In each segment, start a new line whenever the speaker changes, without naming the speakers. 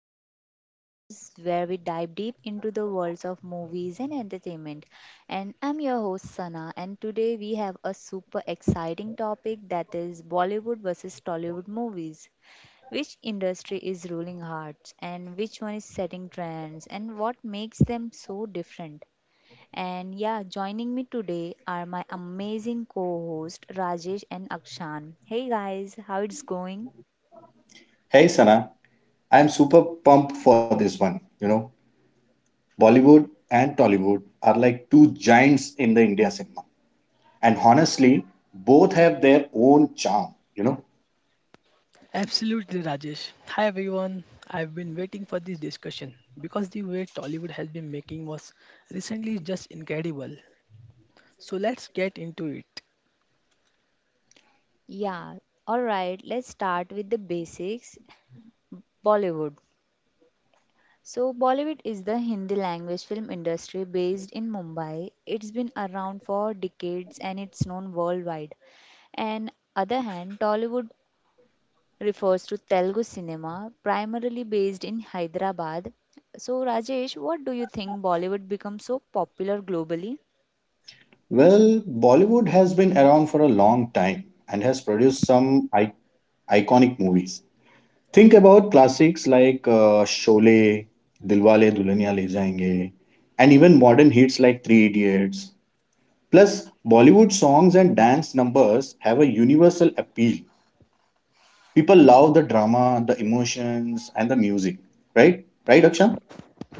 the podcast where we dive deep into the worlds of movies and entertainment. And I'm your host, Sana, and today we have a super exciting topic that is Bollywood versus Tollywood movies. Which industry is ruling hearts, and which one is setting trends, and what makes them so different? And yeah, joining me today are my amazing co host Rajesh and Akshan. Hey guys, how it's going?
Hey Sana, I am super pumped for this one. You know, Bollywood and Tollywood are like two giants in the India cinema. And honestly, both have their own charm,
Absolutely, Rajesh. Hi, everyone. I've been waiting for this discussion because the way Tollywood has been making was recently just incredible. So let's get into it.
Yeah, alright, let's start with the basics. Bollywood. So, Bollywood is the Hindi language film industry based in Mumbai. It's been around for decades and it's known worldwide. And other hand, Tollywood refers to Telugu cinema, primarily based in Hyderabad. So, Rajesh, what do you think Bollywood becomes so popular globally?
Well, Bollywood has been around for a long time and has produced some iconic movies. Think about classics like Sholay, Dilwale Dulhania Le Jayenge, and even modern hits like Three Idiots. Plus, Bollywood songs and dance numbers have a universal appeal. People love the drama, the emotions, and the music. Right? Right, Akshan?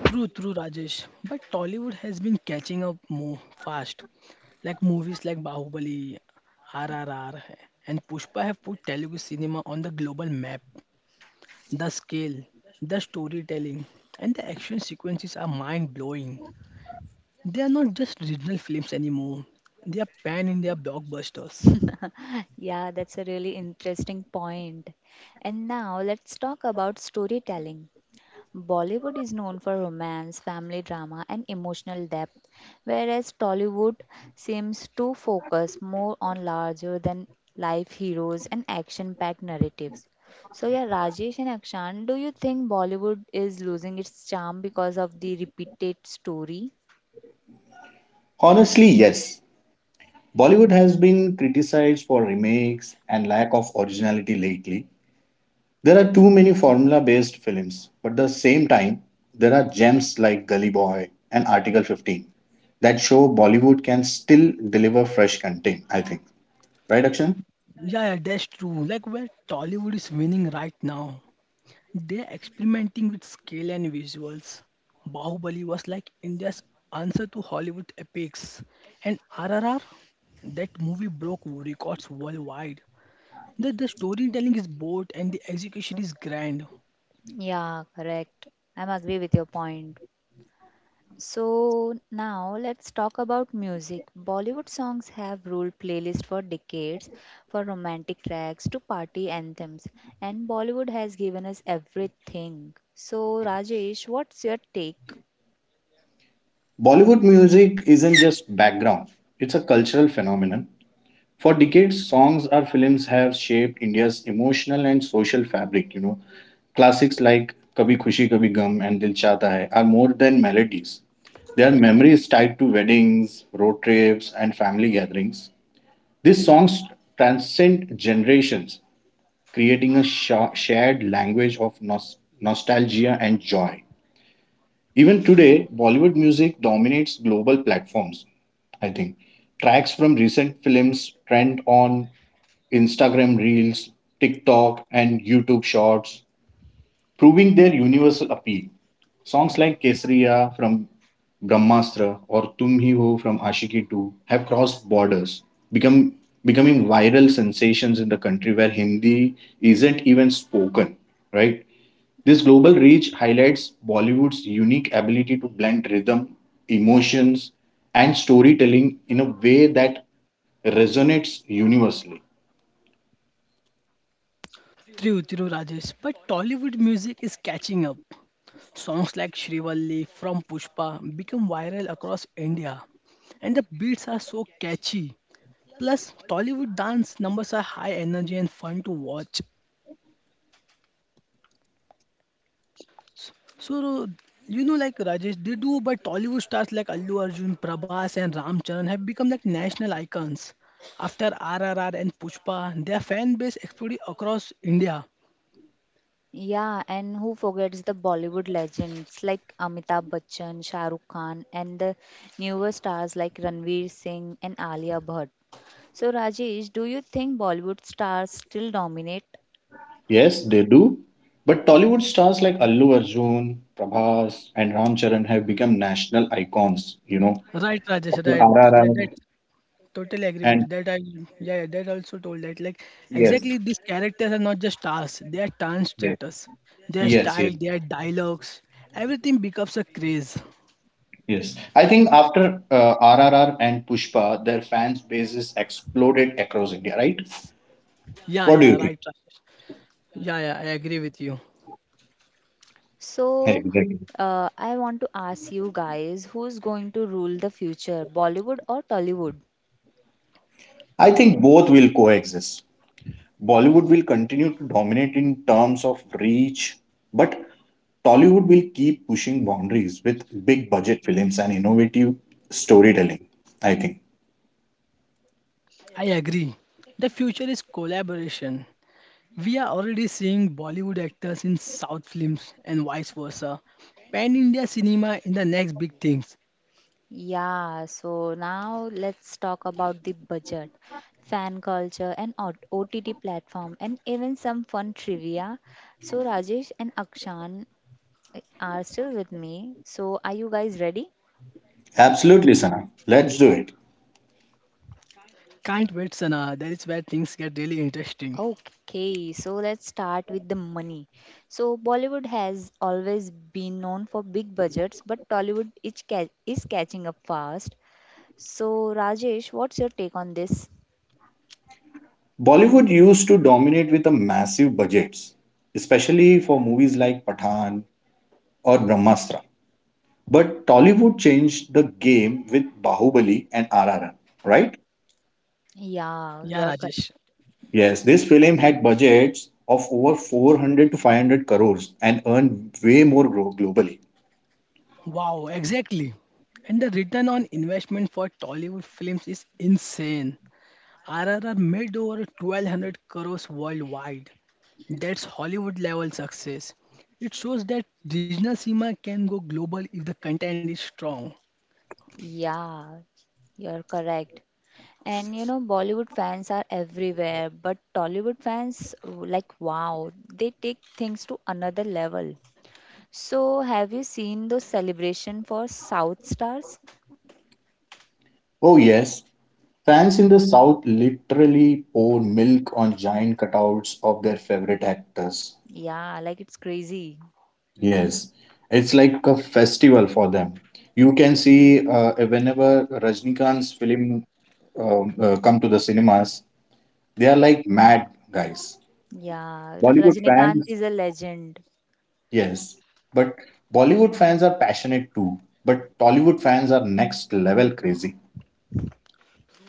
True, true, Rajesh. But Tollywood has been catching up more fast. Like movies like Bahubali, RRR, and Pushpa have put Telugu cinema on the global map. The scale, the storytelling, and the action sequences are mind blowing. They are not just regional films anymore. They are pan India blockbusters.
Yeah, that's a really interesting point. And now let's talk about storytelling. Bollywood is known for romance, family drama, and emotional depth, whereas Tollywood seems to focus more on larger than life heroes and action packed narratives. So, yeah, Rajesh and Akshan, do you think Bollywood is losing its charm because of the repeated story?
Honestly, yes. Bollywood has been criticized for remakes and lack of originality lately. There are too many formula based films, but at the same time, there are gems like Gully Boy and Article 15 that show Bollywood can still deliver fresh content, I think. Right, Akshan?
Yeah, yeah, that's true. Like where Tollywood is winning right now. They are experimenting with scale and visuals. Bahubali was like India's answer to Hollywood epics. And RRR, that movie broke records worldwide. The storytelling is bold and the execution is grand.
Yeah, correct. I'm agree with your point. So now let's talk about music. Bollywood songs have ruled playlists for decades, for romantic tracks to party anthems, and Bollywood has given us everything. So Rajesh, what's your take?
Bollywood music isn't just background, it's a cultural phenomenon. For decades, songs or films have shaped India's emotional and social fabric. You know, classics like Kabhi Khushi Kabhi Gum and Dil Chahta Hai are more than melodies. They are memories tied to weddings, road trips, and family gatherings. These songs transcend generations, creating a shared language of nostalgia and joy. Even today, Bollywood music dominates global platforms, I think. Tracks from recent films trend on Instagram Reels, TikTok, and YouTube Shorts, proving their universal appeal. Songs like Kesariya from Brahmastra or Tum Hi Ho from Ashiki 2 have crossed borders, become, becoming viral sensations in the country where Hindi isn't even spoken, right? This global reach highlights Bollywood's unique ability to blend rhythm, emotions, and storytelling in a way that resonates universally.
True, true, Rajesh. But Tollywood music is catching up. Songs like Shrivalli from Pushpa become viral across India, and the beats are so catchy. Plus, Tollywood dance numbers are high energy and fun to watch. So, you know, like Rajesh, they do, but Tollywood stars like Allu Arjun, Prabhas, and Ram Charan have become like national icons. After RRR and Pushpa, their fan base exploded across India.
Yeah, and who forgets the Bollywood legends like Amitabh Bachchan, Shah Rukh Khan, and the newer stars like Ranveer Singh and Alia Bhatt. So Rajesh, do you think Bollywood stars still dominate?
Yes, they do. But Tollywood stars like Allu Arjun, Prabhas, and Ram Charan have become national icons, you know.
Right, Rajesh,
After
right. That,
RRR.
that Totally agree with
And
you. That I yeah, yeah, that also told that like
yes,
Exactly, these characters are not just stars, they are
yes,
translators. Their
yes, yes,
style, their dialogues, everything becomes a craze.
yes. I think after RRR and Pushpa, their fans' bases exploded across India, right?
Yeah,
What do you
yeah,
think?
right, Rajesh. Yeah, yeah, I agree with you.
So,
Exactly.
I want to ask you guys who's going to rule the future, Bollywood or Tollywood?
I think both will coexist. Bollywood will continue to dominate in terms of reach, but Tollywood will keep pushing boundaries with big budget films and innovative storytelling, I think.
I agree. The future is collaboration. We are already seeing Bollywood actors in South films and vice versa. Pan India cinema in the next big things.
Yeah, so now let's talk about the budget, fan culture, and OTT platform, and even some fun trivia. So, Rajesh and Akshan are still with me. So, are you guys ready?
Absolutely, Sana. Let's do it.
Can't wait, Sana. That is where things get really interesting.
Okay, so let's start with the money. So Bollywood has always been known for big budgets, but Tollywood is catching up fast. So Rajesh, what's your take on this?
Bollywood used to dominate with the massive budgets, especially for movies like Pathan or Brahmastra. But Tollywood changed the game with Bahubali and RRR, right?
Yeah,
Yeah,
you're cor-
Rajesh.
Yes, this film had budgets of over 400 to 500 crores and earned way more globally.
Wow, exactly. And the return on investment for Tollywood films is insane. RRR made over 1200 crores worldwide. That's Hollywood level success. It shows that regional cinema can go global if the content is strong.
yeah, you're correct. And you know, Bollywood fans are everywhere, but Tollywood fans, like, wow, they take things to another level. So, have you seen those celebration for South Stars?
Oh, yes, fans in the South literally pour milk on giant cutouts of their favorite actors.
Yeah, like it's crazy.
Yes, it's like a festival for them. You can see whenever Rajnikant's film come to the cinemas, they are like mad guys.
Yeah,
Bollywood
Rajinikanth
fans
is a legend.
Yes, but Bollywood fans are passionate too, but Tollywood fans are next level crazy.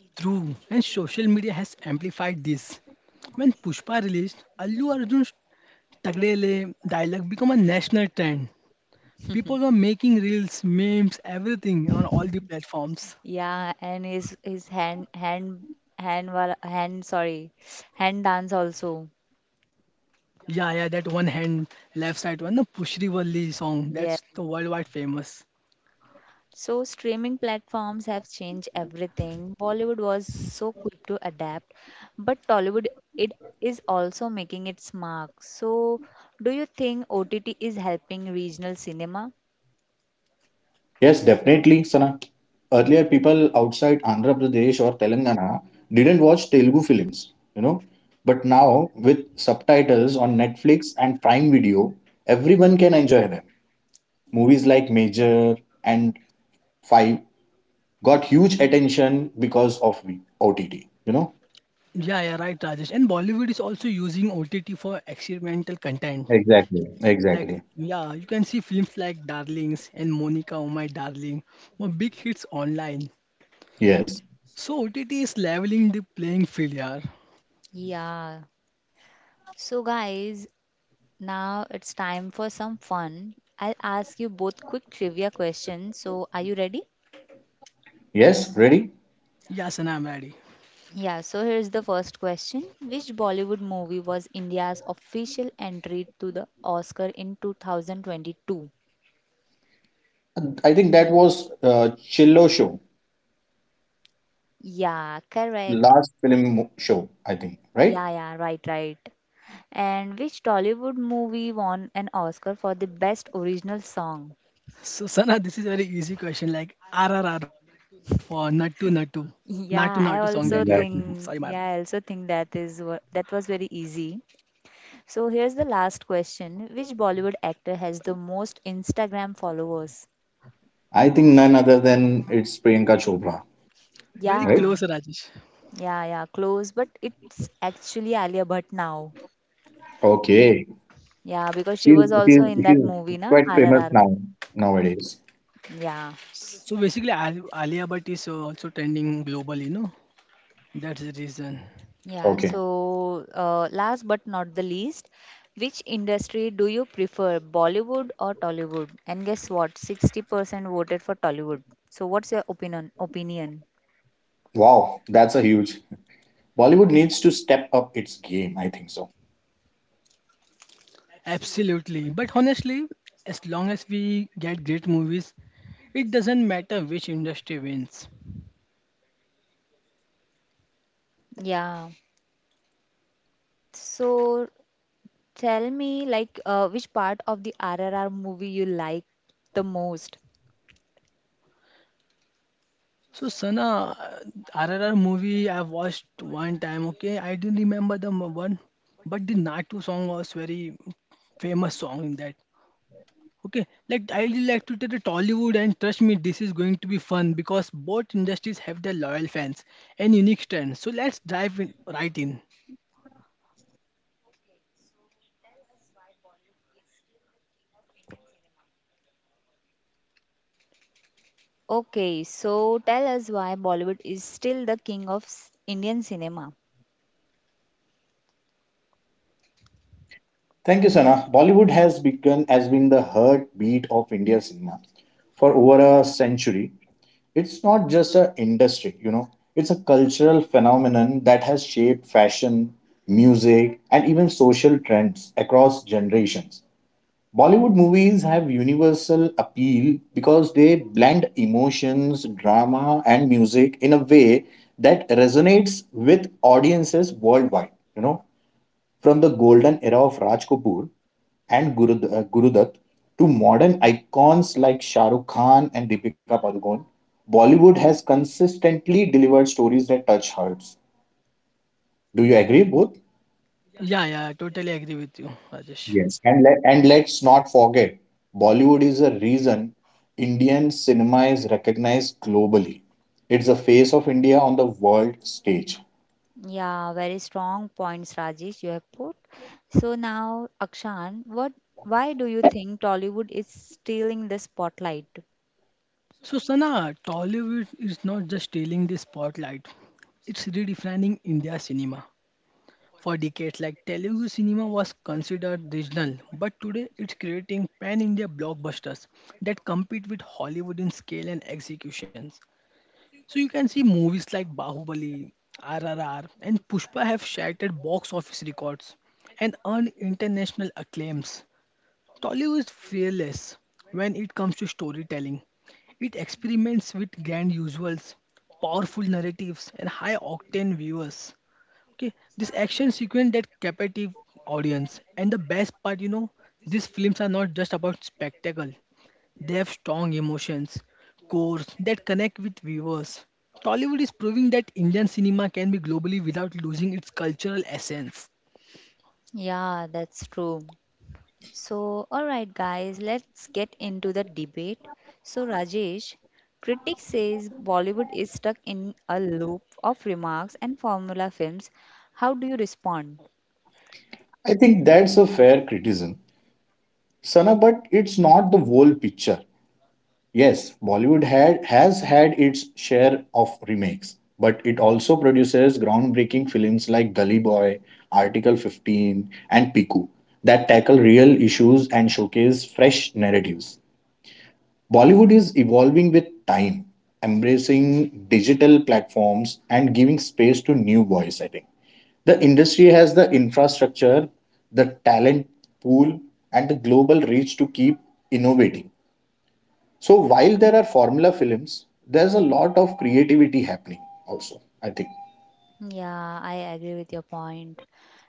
True, and social media has amplified this. When Pushpa released, Allu Arjun's Tagdele dialogue became a national trend. People were making reels, memes, everything on all the platforms.
Yeah, and his hand hand sorry, hand dance also.
Yeah, yeah, that one hand, left side one, the Pushri Valli song.
Yeah.
That's the worldwide famous.
So streaming platforms have changed everything. Bollywood was so quick to adapt, but Tollywood it is also making its mark. So do you think OTT is helping regional cinema?
Yes, definitely, Sana. Earlier, people outside Andhra Pradesh or Telangana didn't watch Telugu films, you know. But now, with subtitles on Netflix and Prime Video, everyone can enjoy them. Movies like Major and Five got huge attention because of OTT, you know.
Yeah, yeah, right, Rajesh. And Bollywood is also using OTT for experimental content.
Exactly.
Like,
Exactly.
yeah, you can see films like Darlings and Monica, Oh My Darling, were big hits online.
Yes.
So OTT is leveling the playing field, yeah.
Yeah. So guys, now it's time for some fun. I'll ask you both quick trivia questions. So, are you ready?
Yes, ready?
Yeah, Sana, I'm ready.
Yeah, so here's the first question. Which Bollywood movie was India's official entry to the Oscar in 2022?
I think that was Chillo show,
Yeah, correct.
last film show, I think, right?
Yeah, yeah, right, right. And which Tollywood movie won an Oscar for the best original song?
So, Sana, this is very easy question. Like RRR for Nattu Nattu, Nattu Nattu song that
Yeah,
you
I
have.
also
Sorry, my
Exactly.
bad.
think, yeah, I also think that is what that was very easy. So here's the last question. Which Bollywood actor has the most Instagram followers?
I think none other than it's Priyanka Chopra,
Very
right?
Yeah.
close, Rajesh.
Yeah, yeah, close, but it's actually Alia Bhatt now.
Okay.
Yeah, because she
She's,
was also in that
she's
movie, na
quite famous
RRR.
now, nowadays.
Yeah.
So basically, Alia Bhatt is also trending globally, no? That's the reason.
Yeah,
Okay.
so last but not the least, which industry do you prefer, Bollywood or Tollywood? And guess what? 60% voted for Tollywood. So what's your opinion?
Wow, that's a huge. Bollywood needs to step up its game, I think so.
Absolutely. But honestly, as long as we get great movies, it doesn't matter which industry wins.
Yeah. So tell me, like, which part of the RRR movie you like the most?
So Sana, RRR movie I watched one time. Okay, I didn't remember the one, but the Natu song was very famous song in that. Okay, like I really like to take the Tollywood, and trust me, this is going to be fun because both industries have their loyal fans and unique strengths. So let's dive in, right in.
Okay, so tell us why Bollywood is still the king of Indian cinema.
Thank you, Sana. Bollywood has been the heartbeat of Indian cinema for over a century. It's not just an industry, you know, it's a cultural phenomenon that has shaped fashion, music, and even social trends across generations. Bollywood movies have universal appeal because they blend emotions, drama, and music in a way that resonates with audiences worldwide, you know, from the golden era of Raj Kapoor and Gurudat to modern icons like Shah Rukh Khan and Deepika Padukone. Bollywood has consistently delivered stories that touch hearts. Do you agree, both?
Yeah, yeah, I totally agree with you, Rajesh.
Yes. And let's not forget, Bollywood is a reason Indian cinema is recognized globally. It's the face of India on the world stage.
Yeah, very strong points, Rajesh, you have put. So now, Akshan, why do you think Tollywood is stealing the spotlight?
So, Sana, Tollywood is not just stealing the spotlight, it's redefining India cinema. For decades, like Telugu cinema was considered regional, but today it's creating pan India blockbusters that compete with Hollywood in scale and executions. So you can see movies like Bahubali, RRR, and Pushpa have shattered box office records and earned international acclaims. Tollywood is fearless when it comes to storytelling. It experiments with grand usuals, powerful narratives, and high octane viewers. Okay, this action sequence that captive audience, and the best part, you know, these films are not just about spectacle. They have strong emotions, cores that connect with viewers. Tollywood is proving that Indian cinema can be globally without losing its cultural essence.
Yeah, that's true. So, all right, guys, let's get into the debate. So, Rajesh, critics says Bollywood is stuck in a loop of remarks and formula films. How do you respond?
I think that's a fair criticism, Sana, but it's not the whole picture. Yes, Bollywood had its share of remakes, but it also produces groundbreaking films like Gully Boy, Article 15, and Piku that tackle real issues and showcase fresh narratives. Bollywood is evolving with time, embracing digital platforms and giving space to new voice, I think. The industry has the infrastructure, the talent pool, and the global reach to keep innovating. So while there are formula films, there's a lot of creativity happening also, I think.
Yeah, I agree with your point.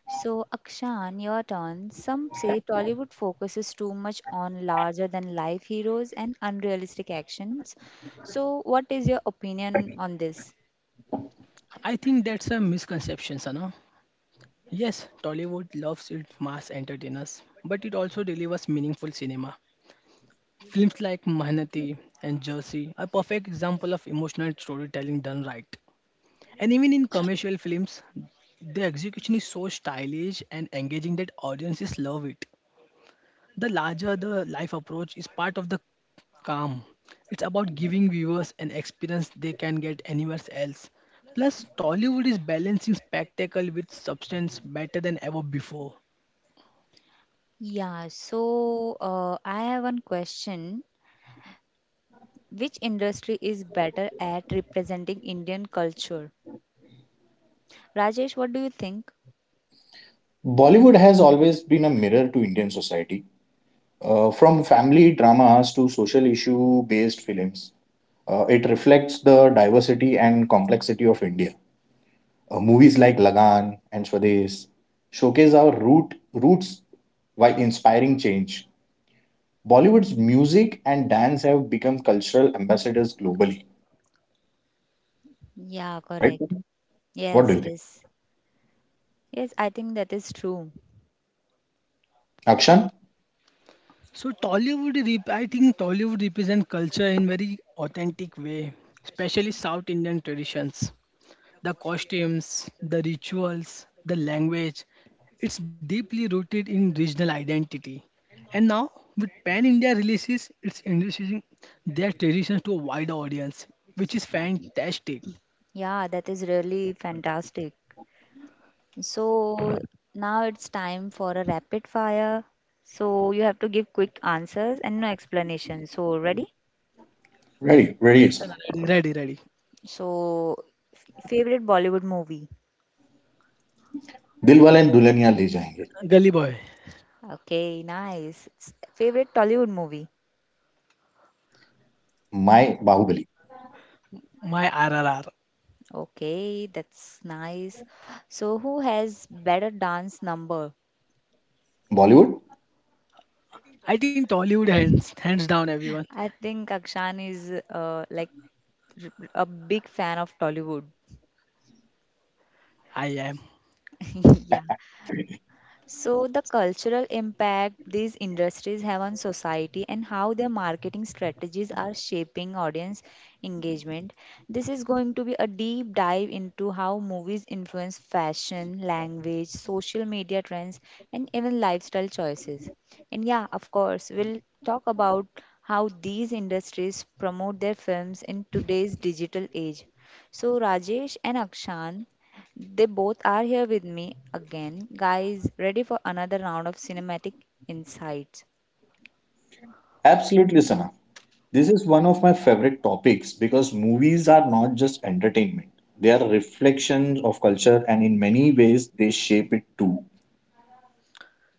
So, Akshan, your turn. Some say Tollywood focuses too much on larger than life heroes and unrealistic actions. So, what is your opinion on this?
I think that's a misconception, Sana. Yes, Tollywood loves its mass entertainers, but it also delivers meaningful cinema. Films like Mahanati and Jersey are perfect example of emotional storytelling done right. And even in commercial films, the execution is so stylish and engaging that audiences love it. The larger the life approach is part of the calm. It's about giving viewers an experience they can get anywhere else. Plus, Tollywood is balancing spectacle with substance better than ever before.
Yeah, so I have one question. Which industry is better at representing Indian culture? Rajesh, what do you think?
Bollywood has always been a mirror to Indian society. From family dramas to social issue based films, it reflects the diversity and complexity of India. Movies like Lagan and Swades showcase our roots while inspiring change. Bollywood's music and dance have become cultural ambassadors globally,
Yeah,
right?
correct.
What do
Yes,
you think?
yes. Yes, I think that is true.
Akshan?
So Tollywood, I think Tollywood represents culture in very authentic way, especially South Indian traditions. The costumes, the rituals, the language, it's deeply rooted in regional identity. And now, with Pan India releases, it's introducing their traditions to a wider audience, which is fantastic.
Yeah, that is really fantastic. So now it's time for a rapid fire. So you have to give quick answers and no explanation. So ready?
Ready,
Yes, sir,
sirna.
ready, ready, ready.
So favorite Bollywood movie?
Dilwale and Duleeniya le jaenge.
Gully Boy,
Okay, nice. Favorite Tollywood movie?
My bahu belli.
my RRR.
Okay, that's nice. So, who has better dance number?
Bollywood,
I think Tollywood hands, hands down, everyone.
I think Akshan is like a big fan of Tollywood.
I am.
Yeah. So, the cultural impact these industries have on society and how their marketing strategies are shaping audience engagement. This is going to be a deep dive into how movies influence fashion, language, social media trends, and even lifestyle choices. And yeah, of course, we'll talk about how these industries promote their films in today's digital age. So, Rajesh and Akshan, they both are here with me again. Guys, ready for another round of cinematic insights?
absolutely, sirna. This is one of my favorite topics because movies are not just entertainment; they are reflections of culture, and in many ways, they shape it too.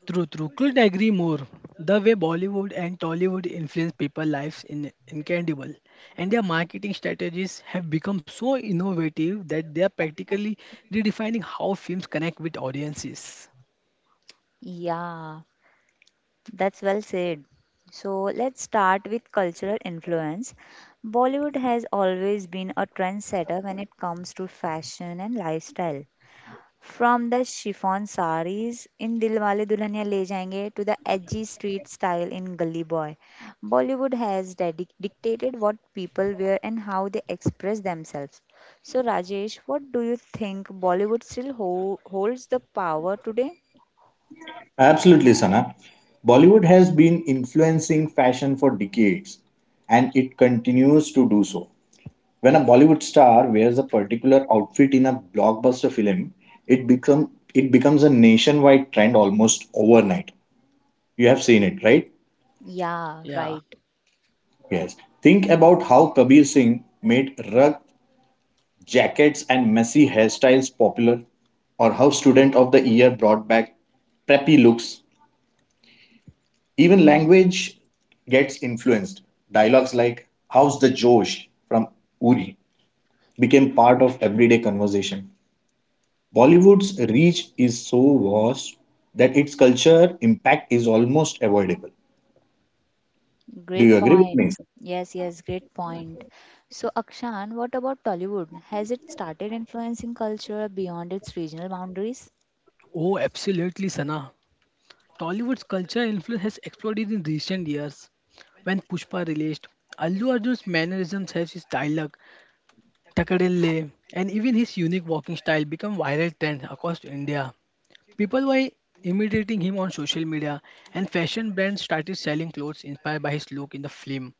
True, true. Couldn't agree more. The way Bollywood and Tollywood influence people's lives in incredible, and their marketing strategies have become so innovative that they are practically redefining how films connect with audiences.
Yeah, that's well said. So let's start with cultural influence. Bollywood has always been a trendsetter when it comes to fashion and lifestyle. From the chiffon saris in Dilwale Dulhaniya Le Jayenge to the edgy street style in Gully Boy, Bollywood has dictated what people wear and how they express themselves. So, Rajesh, what do you think Bollywood still holds the power today?
Absolutely, sirna. Bollywood has been influencing fashion for decades, and it continues to do so. When a Bollywood star wears a particular outfit in a blockbuster film, it becomes a nationwide trend almost overnight. You have seen it, right?
Yeah,
Yeah.
right.
Yes. Think about how Kabir Singh made rug jackets and messy hairstyles popular, or how Student of the Year brought back preppy looks. Even language gets influenced. Dialogues like "How's the Josh" from Uri became part of everyday conversation. Bollywood's reach is so vast that its culture impact is almost avoidable. Do
Great
you agree with me?
point. Yes, yes, great point. So, Akshan, what about Tollywood? Has it started influencing culture beyond its regional boundaries?
Oh, absolutely, Sana. Tollywood's culture influence has exploded in recent years. When Pushpa released, Allu Arjun's mannerisms, has his dialogue, takadille, and even his unique walking style become viral trends across India. People were imitating him on social media, and fashion brands started selling clothes inspired by his look in the film.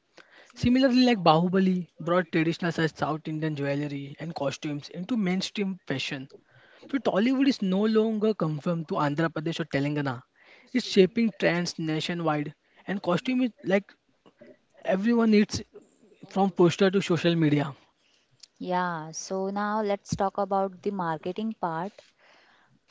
Similarly, like Bahubali brought traditional such South Indian jewelry and costumes into mainstream fashion. So Tollywood is no longer confined to Andhra Pradesh or Telangana. It's shaping trends nationwide, and costume is like everyone needs from poster to social media.
Yeah, so now let's talk about the marketing part.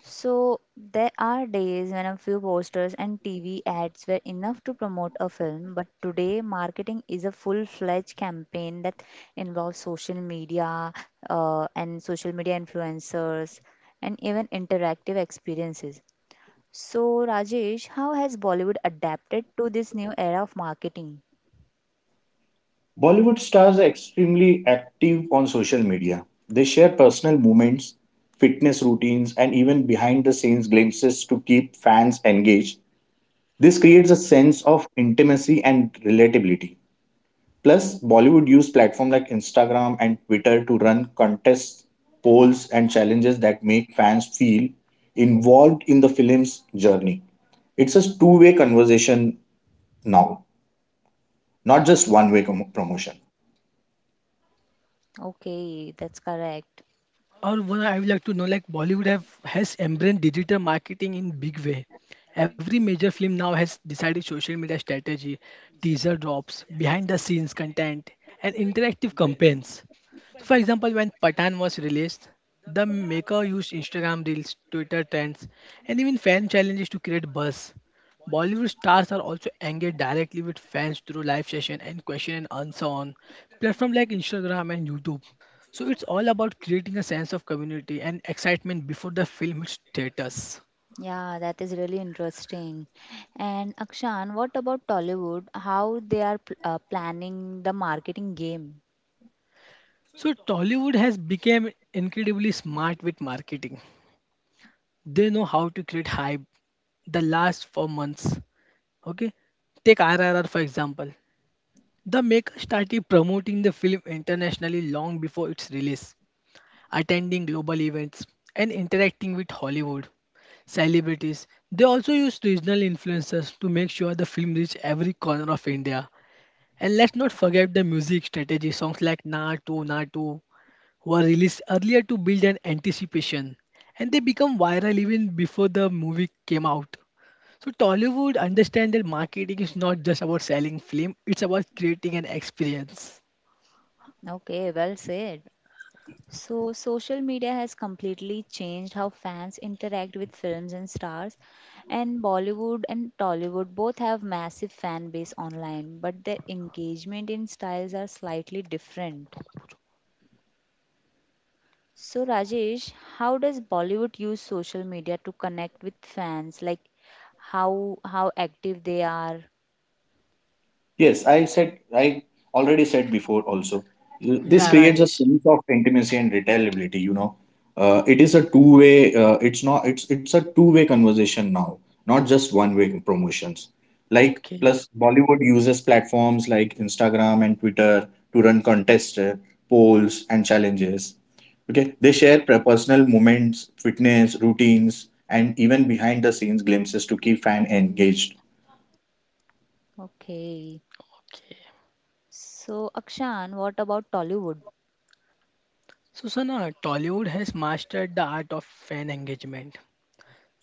So there are days when a few posters and TV ads were enough to promote a film, but today marketing is a full-fledged campaign that involves social media and social media influencers and even interactive experiences. So Rajesh, how has Bollywood adapted to this new era of marketing?
Bollywood stars are extremely active on social media. They share personal moments, fitness routines, and even behind the scenes glimpses to keep fans engaged. This creates a sense of intimacy and relatability. Plus, Bollywood used platforms like Instagram and Twitter to run contests, polls, and challenges that make fans feel involved in the film's journey. It's a two-way conversation now, not just one way promotion.
Okay, that's correct.
Or one I would like to know, like Bollywood have has embraced digital marketing in big way. Every major film now has decided social media strategy, teaser drops, behind the scenes content, and interactive campaigns. So for example, when Patan was released, the maker used Instagram reels, Twitter trends, and even fan challenges to create buzz. Bollywood stars are also engaged directly with fans through live session and question and answer on platforms like Instagram and YouTube. So it's all about creating a sense of community and excitement before the film hits theaters.
Yeah, that is really interesting. And Akshan, what about Tollywood? How they are planning the marketing game?
So Tollywood has become incredibly smart with marketing. They know how to create hype the last 4 months. Okay, take RRR for example. The makers started promoting the film internationally long before its release, attending global events and interacting with Hollywood celebrities. They also used regional influencers to make sure the film reached every corner of India. And let's not forget the music strategy. Songs like Na Tu Na Tu were released earlier to build an anticipation, and they become viral even before the movie came out. So Tollywood understand that marketing is not just about selling film; it's about creating an experience.
Okay, well said. So, social media has completely changed how fans interact with films and stars. And Bollywood and Tollywood both have massive fan base online, but their engagement in styles are slightly different. So, Rajesh, how does Bollywood use social media to connect with fans? Like how active they are?
Yes, I already said before also, this
Yeah,
creates a
Rajesh.
sense of intimacy and retailability, you know. It is a two-way, it's not, it's a two-way conversation now, not just one-way promotions. Like,
Okay,
plus Bollywood uses platforms like Instagram and Twitter to run contests, polls and challenges. Okay, they share personal moments, fitness, routines, and even behind the scenes glimpses to keep fan engaged.
Okay.
okay.
So, Akshan, what about Tollywood?
So, Sana, Tollywood has mastered the art of fan engagement.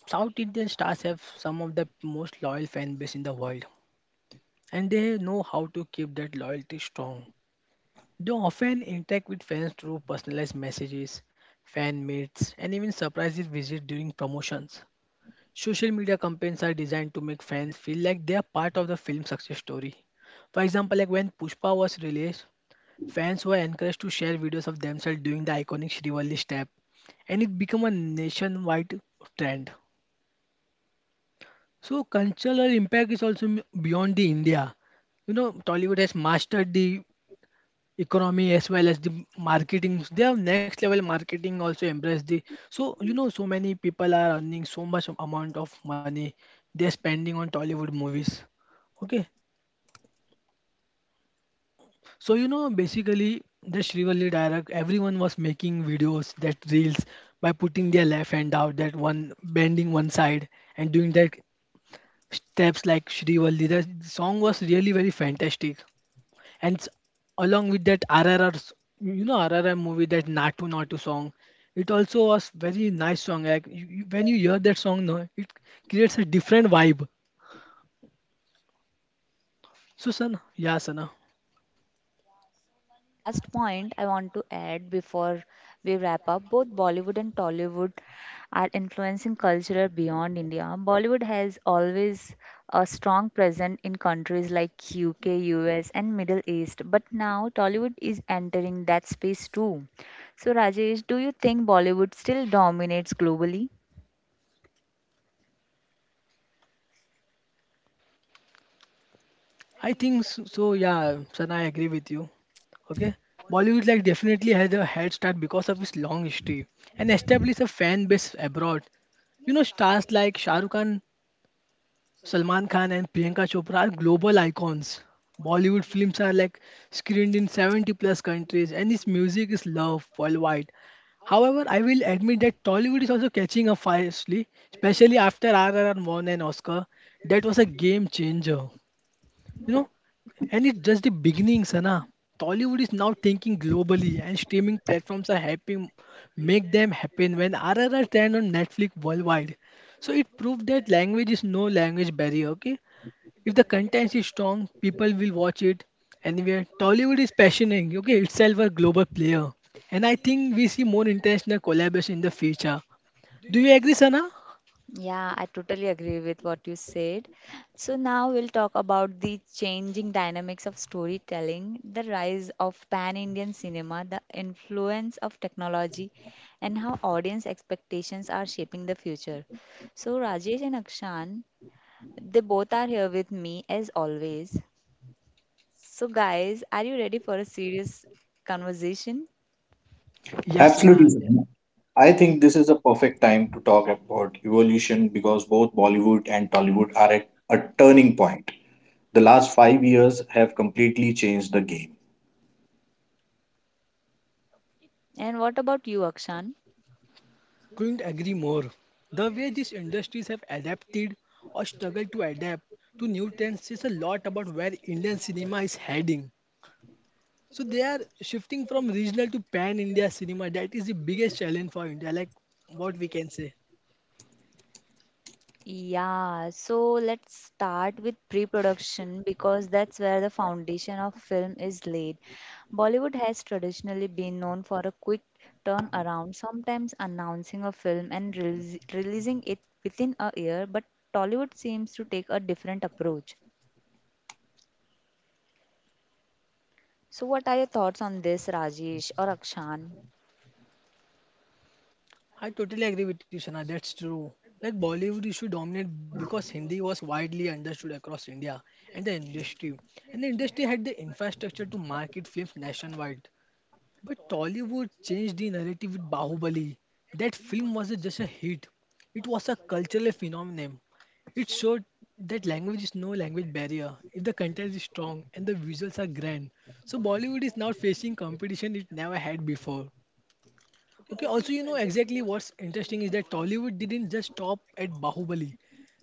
South Indian stars have some of the most loyal fan base in the world, and they know how to keep that loyalty strong. They often interact with fans through personalized messages, fan meets, and even surprise visits during promotions. Social media campaigns are designed to make fans feel like they are part of the film's success story. For example, like when Pushpa was released, fans were encouraged to share videos of themselves doing the iconic Shrivalli step, and it became a nationwide trend. So cultural impact is also beyond the India. You know, Tollywood has mastered the economy as well as the marketing. They have next level marketing also embrace the so you know so many people are earning so much amount of money they're spending on tollywood movies. Okay, so you know basically the Srivalli direct everyone was making videos that reels by putting their left hand out that one bending one side and doing that steps like Srivalli. The song was really very fantastic. And s- Along with that RRR, you know RRR movie that Natu Natu song, it also was very nice song. Like when you hear that song, no, it creates a different vibe. So Sana, yeah Sana,
Last point I want to add before we wrap up both Bollywood and Tollywood are influencing culture beyond India. Bollywood has always a strong presence in countries like UK, US, and Middle East, but now Tollywood is entering that space too. So, Rajesh, do you think Bollywood still dominates globally?
I think so, so yeah Sana, I agree with you. Okay, Bollywood like definitely has a head start because of its long history and established a fan base abroad. You know, stars like Shah Rukh Khan, Salman Khan, and Priyanka Chopra are global icons. Bollywood films are like screened in 70 plus countries and its music is loved worldwide. However, I will admit that Tollywood is also catching up fiercely, especially after RRR won an Oscar. That was a game changer, you know, and it's just the beginning, Sana. Tollywood is now thinking globally and streaming platforms are helping make them happen. When RRR stand on Netflix worldwide, so it proved that language is no language barrier. Okay, if the content is strong people will watch it anywhere. Tollywood is passioning okay itself a global player, and I think we see more international collaboration in the future. Do you agree, Sana?
Yeah, I totally agree with what you said. So now we'll talk about the changing dynamics of storytelling, the rise of pan-Indian cinema, the influence of technology, and how audience expectations are shaping the future. So Rajesh and Akshan, they both are here with me as always. So guys, are you ready for a serious conversation?
Yeah,
Absolutely.
Sana.
Sanjana. I think this is a perfect time to talk about evolution because both Bollywood and Tollywood are at a turning point. The last 5 years have completely changed the game.
And what about you, Akshan?
Couldn't agree more. The way these industries have adapted or struggled to adapt to new trends says a lot about where Indian cinema is heading. So they are shifting from regional to pan India cinema. That is the biggest challenge for India, like what we can say.
Yeah, so let's start with pre-production because that's where the foundation of film is laid. Bollywood has traditionally been known for a quick turnaround, sometimes announcing a film and releasing it within a year, but Tollywood seems to take a different approach. So what are your thoughts on this, Rajesh or Akshan?
I totally agree with you, Shana. That's true. Like Bollywood used to dominate because Hindi was widely understood across India and the industry. And the industry had the infrastructure to market films nationwide. But Tollywood changed the narrative with Bahubali. That film wasn't just a hit, it was a cultural phenomenon. It showed that language is no language barrier if the content is strong and the visuals are grand. So Bollywood is now facing competition it never had before. Okay, also, you know exactly what's interesting is that Tollywood didn't just stop at Bahubali.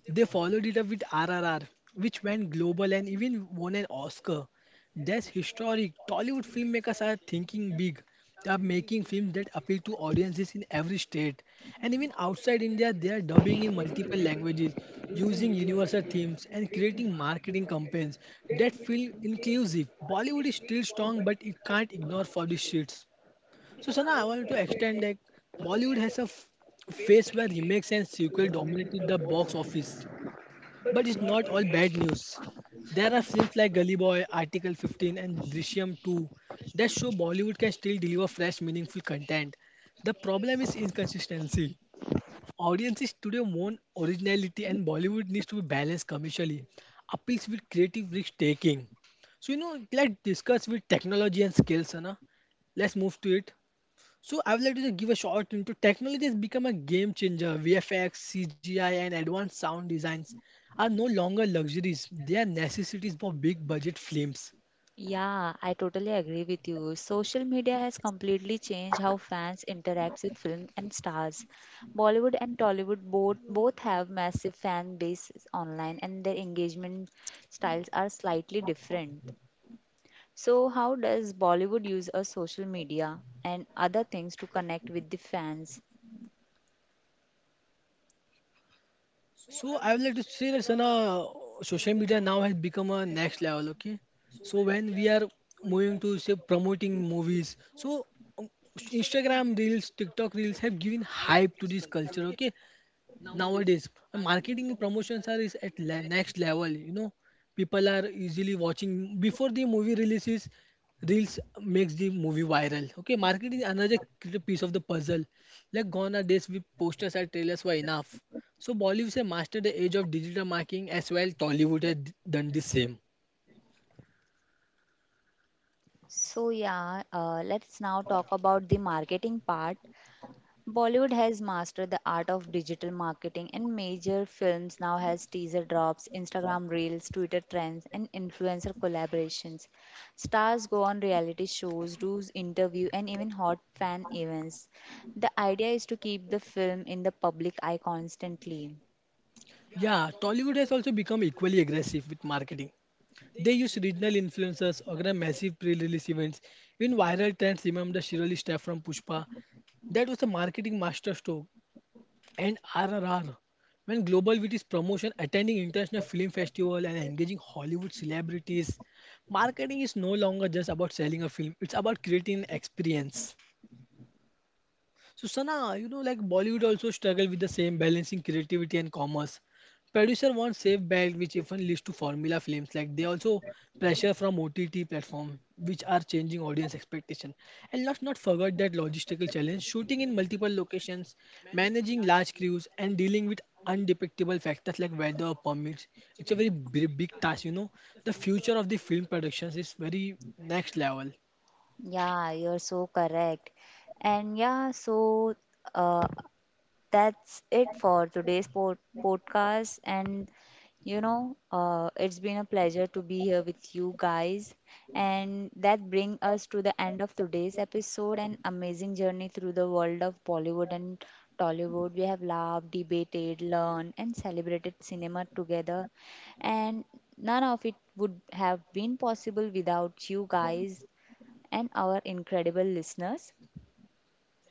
They followed it up with RRR, which went global and even won an Oscar. That's historic. Tollywood filmmakers are thinking big. They are making films that appeal to audiences in every state. And even outside India, they are dubbing in multiple languages, using universal themes, and creating marketing campaigns that feel inclusive. Bollywood is still strong, but it can't ignore for the shits. So Sana, I wanted to extend that Bollywood has a phase where remakes and sequel dominated the box office. But it's not all bad news. There are films like Gully Boy, Article 15, and Drishyam 2 that show Bollywood can still deliver fresh, meaningful content. The problem is inconsistency. Audiences today want originality, and Bollywood needs to be balanced commercially, appeals with creative risk taking. So you know, let's discuss with technology and skills, Sana. Let's move to it. So I would like to give a short into technology has become a game changer. VFX, CGI, and advanced sound designs are no longer luxuries; they are necessities for big budget films.
Yeah, I totally agree with you. Social media has completely changed how fans interact with film and stars. Bollywood and Tollywood both have massive fan bases online and their engagement styles are slightly different. So how does Bollywood use a social media and other things to connect with the fans?
So I would like to say that Sana, social media now has become a next level. Okay, so when we are moving to say promoting movies, um, Instagram reels, TikTok reels have given hype to this culture. Okay, nowadays and marketing promotions are next level, you know, people are easily watching before the movie releases. Reels makes the movie viral. Okay, marketing, another piece of the puzzle, like gone are days with posters and trailers were enough. So Bollywood has mastered the age of digital marketing as well. Tollywood has done the same.
So yeah, let's now talk about the marketing part. Bollywood has mastered the art of digital marketing and major films now has teaser drops, Instagram reels, Twitter trends and influencer collaborations. Stars go on reality shows, do interview and even hot fan events. The idea is to keep the film in the public eye constantly.
Yeah, Tollywood has also become equally aggressive with marketing. They use regional influencers, organize massive pre-release events. Even viral trends, remember the Shirley stuff from Pushpa? That was a marketing masterstroke. And RRR, when global with its promotion, attending international film festival and engaging Hollywood celebrities, marketing is no longer just about selling a film. It's about creating an experience. So Sana, you know, like Bollywood also struggle with the same balancing creativity and commerce. Producer want safe bag, which often leads to formula films. Like they also pressure from OTT platform, which are changing audience expectation. And let's not forget that logistical challenge: shooting in multiple locations, managing large crews, and dealing with undepictable factors like weather permits. It's a very big task. You know, the future of the film productions is very next level.
Yeah, you're so correct. And yeah, so uh, that's it for today's pod- podcast. And you know, it's been a pleasure to be here with you guys. And that brings us to the end of today's episode an amazing journey through the world of Bollywood and Tollywood. We have laughed, debated, learned, and celebrated cinema together. And none of it would have been possible without you guys and our incredible listeners.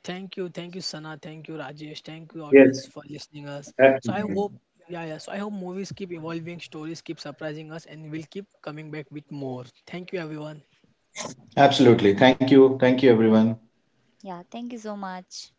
Thank you, Sana. Thank you, Rajesh. Thank you, audience,
Yes,
for listening us. So I
absolutely.
hope, yeah, yeah. So I hope movies keep evolving, stories keep surprising us, and we'll keep coming back with more. Thank you, everyone.
Absolutely. Thank you. Thank you, everyone.
Yeah, thank you so much.